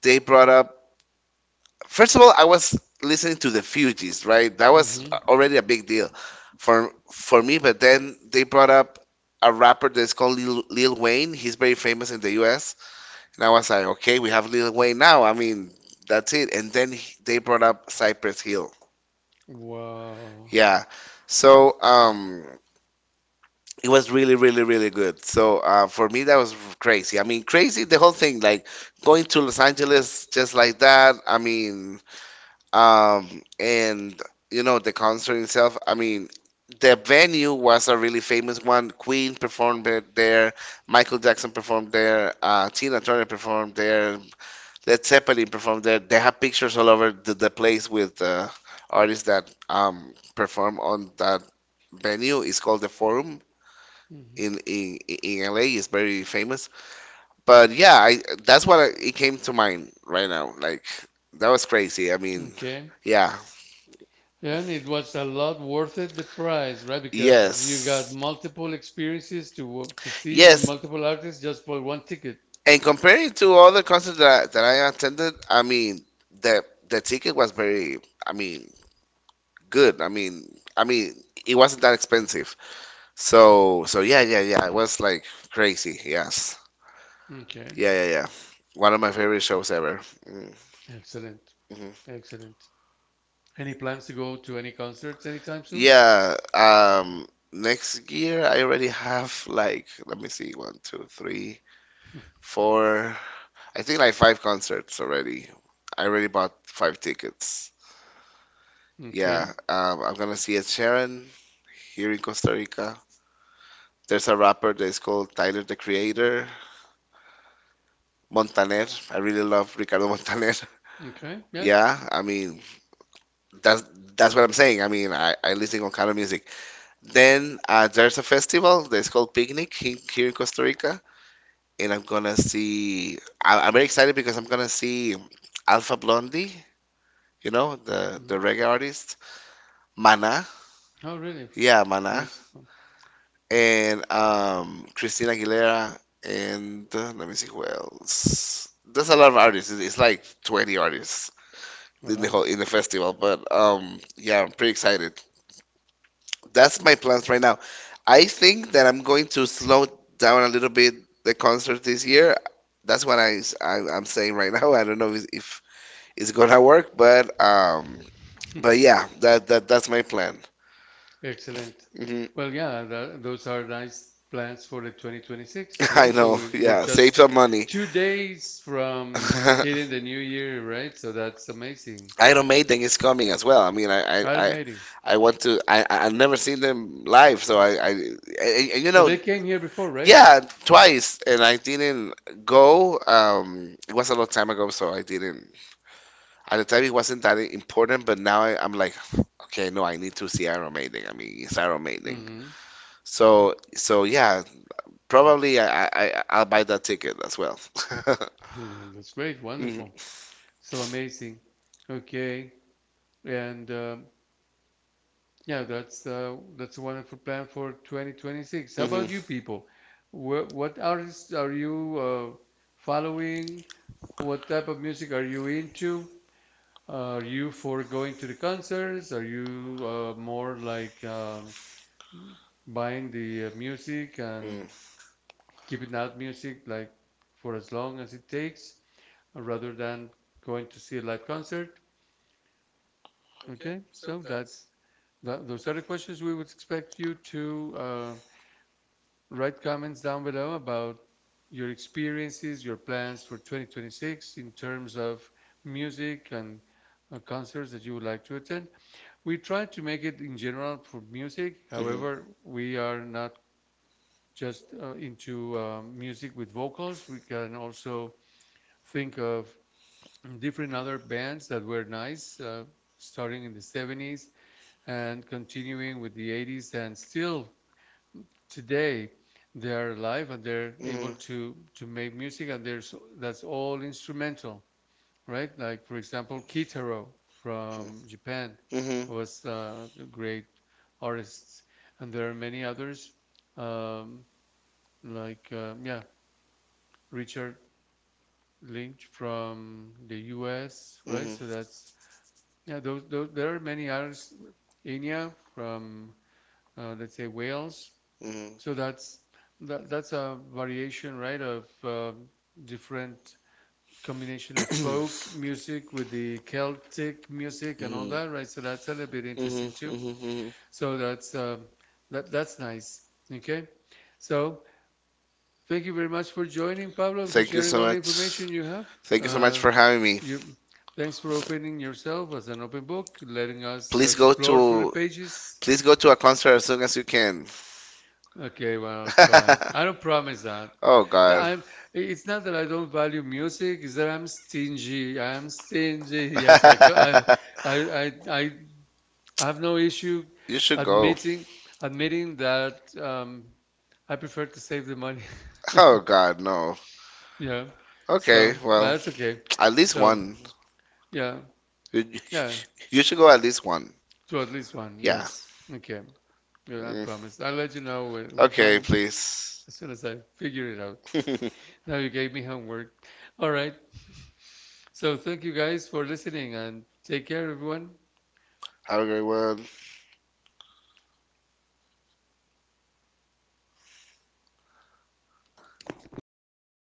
Speaker 2: they brought up, first of all I was listening to the Fugees, right, that was
Speaker 1: Mm. Mhm.
Speaker 2: already a big deal for me. But then they brought up a rapper that's called Lil Wayne, he's very famous in the US. And I was like, okay, we have Lil Wayne now, I mean, that's it. And then they brought up Cypress Hill.
Speaker 1: Wow.
Speaker 2: Yeah. So it was really really really good. So for me that was crazy, I mean, crazy the whole thing, like going to Los Angeles just like that, I mean. And you know, the concert itself, I mean, the venue was a really famous one. Queen performed it there, Michael Jackson performed there, Tina Turner performed there, Led Zeppelin performed there. They have pictures all over the place with artists that perform on that venue. It's called the Forum
Speaker 1: Mhm.
Speaker 2: in in LA. It's very famous. But yeah, I that's what I, it came to mind right now. Like that was crazy. I mean,
Speaker 1: Okay.
Speaker 2: yeah.
Speaker 1: And it was a lot worth it, the price, right? Because you got
Speaker 2: Yes.
Speaker 1: multiple experiences to
Speaker 2: You got.
Speaker 1: to see
Speaker 2: Yes.
Speaker 1: multiple artists just for one ticket.
Speaker 2: And comparing to other concerts that, that I attended, I mean, the ticket was very, I mean, good. I mean, it wasn't that expensive. So, so yeah. It was like crazy. Yes.
Speaker 1: Okay.
Speaker 2: Yeah. One of my favorite shows ever. Mm-hmm.
Speaker 1: Excellent. Excellent. Any plans to go to any concerts anytime soon?
Speaker 2: Yeah, next year I already have like, let me see, one, two, three, four, I think like five concerts already. I already bought five tickets.
Speaker 1: Yeah. Okay.
Speaker 2: Yeah, I'm gonna see Ed Sheeran here in Costa Rica. There's a rapper that is called Tyler the Creator, Montaner. I really love Ricardo Montaner.
Speaker 1: Okay. Yeah.
Speaker 2: Yeah. Yeah, I mean that's that's what I'm saying. I mean I listen on kind of music. Then there's a festival that's called Picnic here in Costa Rica, and I'm gonna see. I'm very excited because I'm gonna see Alpha Blondie, you know,
Speaker 1: Mm.
Speaker 2: the reggae artist, Mana,
Speaker 1: Oh, really?
Speaker 2: yeah, Mana,
Speaker 1: Mexico.
Speaker 2: and Christina Aguilera, and let me see who else. There's a lot of artists. It's like 20 artists in the
Speaker 1: Wow.
Speaker 2: whole in the festival, but yeah, I'm pretty excited. That's my plans right now. I think that I'm going to slow down a little bit the concert this year. That's what I am saying right now. I don't know if it's gonna work, but yeah, that that's my plan.
Speaker 1: Excellent.
Speaker 2: Hmm.
Speaker 1: Well, yeah, tha those are nice plans for the 2026,
Speaker 2: I
Speaker 1: right? So
Speaker 2: know.
Speaker 1: we, we're yeah,
Speaker 2: Yeah, save
Speaker 1: just
Speaker 2: some money.
Speaker 1: 2 days from hitting the new year, right? So that's amazing.
Speaker 2: Iron Maiden is coming as well. I mean,
Speaker 1: Iron Maiden.
Speaker 2: I
Speaker 1: Even
Speaker 2: want to. I've never seen them live, so you
Speaker 1: but
Speaker 2: know.
Speaker 1: they though, came here before, right?
Speaker 2: Yeah, twice, and I didn't go. It was a long time ago, so I didn't. At the time, it wasn't that important, but now I'm like, okay, no, I need to see Iron Maiden. I mean, it's Iron Maiden.
Speaker 1: Mm-hmm.
Speaker 2: So, so yeah, probably I'll buy that ticket as well.
Speaker 1: Well, that's great.
Speaker 2: Mhm.
Speaker 1: Wonderful. So amazing. Okay. And yeah, that's a wonderful plan for 2026. How about
Speaker 2: Mhm.
Speaker 1: you people? What artists are you following? What type of music are you into? Are you for going to the concerts? Are you more like buying the music and keeping that music like for as long as it takes, rather than going to see a live concert? Okay, so that's those are the questions we would expect you to write comments down below about your experiences, your plans for 2026 in terms of music and concerts that you would like to attend. We try to make it in general for music. However, we are not just into music with vocals. We can also think of different other bands that were nice, starting in the 70s and continuing with the 80s and still today they are alive and they're
Speaker 2: Mm.
Speaker 1: able
Speaker 2: Mhm.
Speaker 1: to make music and there's that's all instrumental, right, like for example, Kitaro from Japan,
Speaker 2: Mhm.
Speaker 1: was a great artists, and there are many others, um, yeah, Richard Lynch from the US, right?
Speaker 2: Mhm.
Speaker 1: So that's yeah, those there are many others, Enya from let's say, Wales.
Speaker 2: Mhm.
Speaker 1: So that's that, that's a variation, right, of different combination of folk music with the Celtic music and all
Speaker 2: Mhm.
Speaker 1: that, right? So that's a little bit
Speaker 2: Mhm.
Speaker 1: interesting too.
Speaker 2: Mhm. Mhm.
Speaker 1: So that's that that's nice. Okay. So thank you very much for joining, Pablo, and for sharing all the
Speaker 2: Have.
Speaker 1: information you have.
Speaker 2: Thank so much
Speaker 1: Uh,
Speaker 2: for having me.
Speaker 1: you thanks for opening yourself as an open book, letting us explore through the pages.
Speaker 2: Please go to a concert as soon as you can.
Speaker 1: Okay, well, I'll try. I don't promise that.
Speaker 2: Oh God.
Speaker 1: I'm, it's not that I don't value music, it's that I'm stingy. I am stingy. Yes, I, co- I, I, I I have no issue
Speaker 2: You should.
Speaker 1: admitting, admitting that I prefer to save the money.
Speaker 2: Oh God, no.
Speaker 1: Yeah.
Speaker 2: Okay,
Speaker 1: So, but
Speaker 2: well,
Speaker 1: that's okay.
Speaker 2: at least
Speaker 1: So,
Speaker 2: one.
Speaker 1: yeah,
Speaker 2: You, yeah,
Speaker 1: yeah,
Speaker 2: you should go at least one.
Speaker 1: to at least one.
Speaker 2: Yeah.
Speaker 1: Yes. Okay. Yeah, I promise. I'll let you know
Speaker 2: When.
Speaker 1: which
Speaker 2: Okay,
Speaker 1: one as
Speaker 2: please.
Speaker 1: soon as I figure it out. Now you gave me homework. All right. So thank you guys for listening and take care, everyone.
Speaker 2: Have a great one.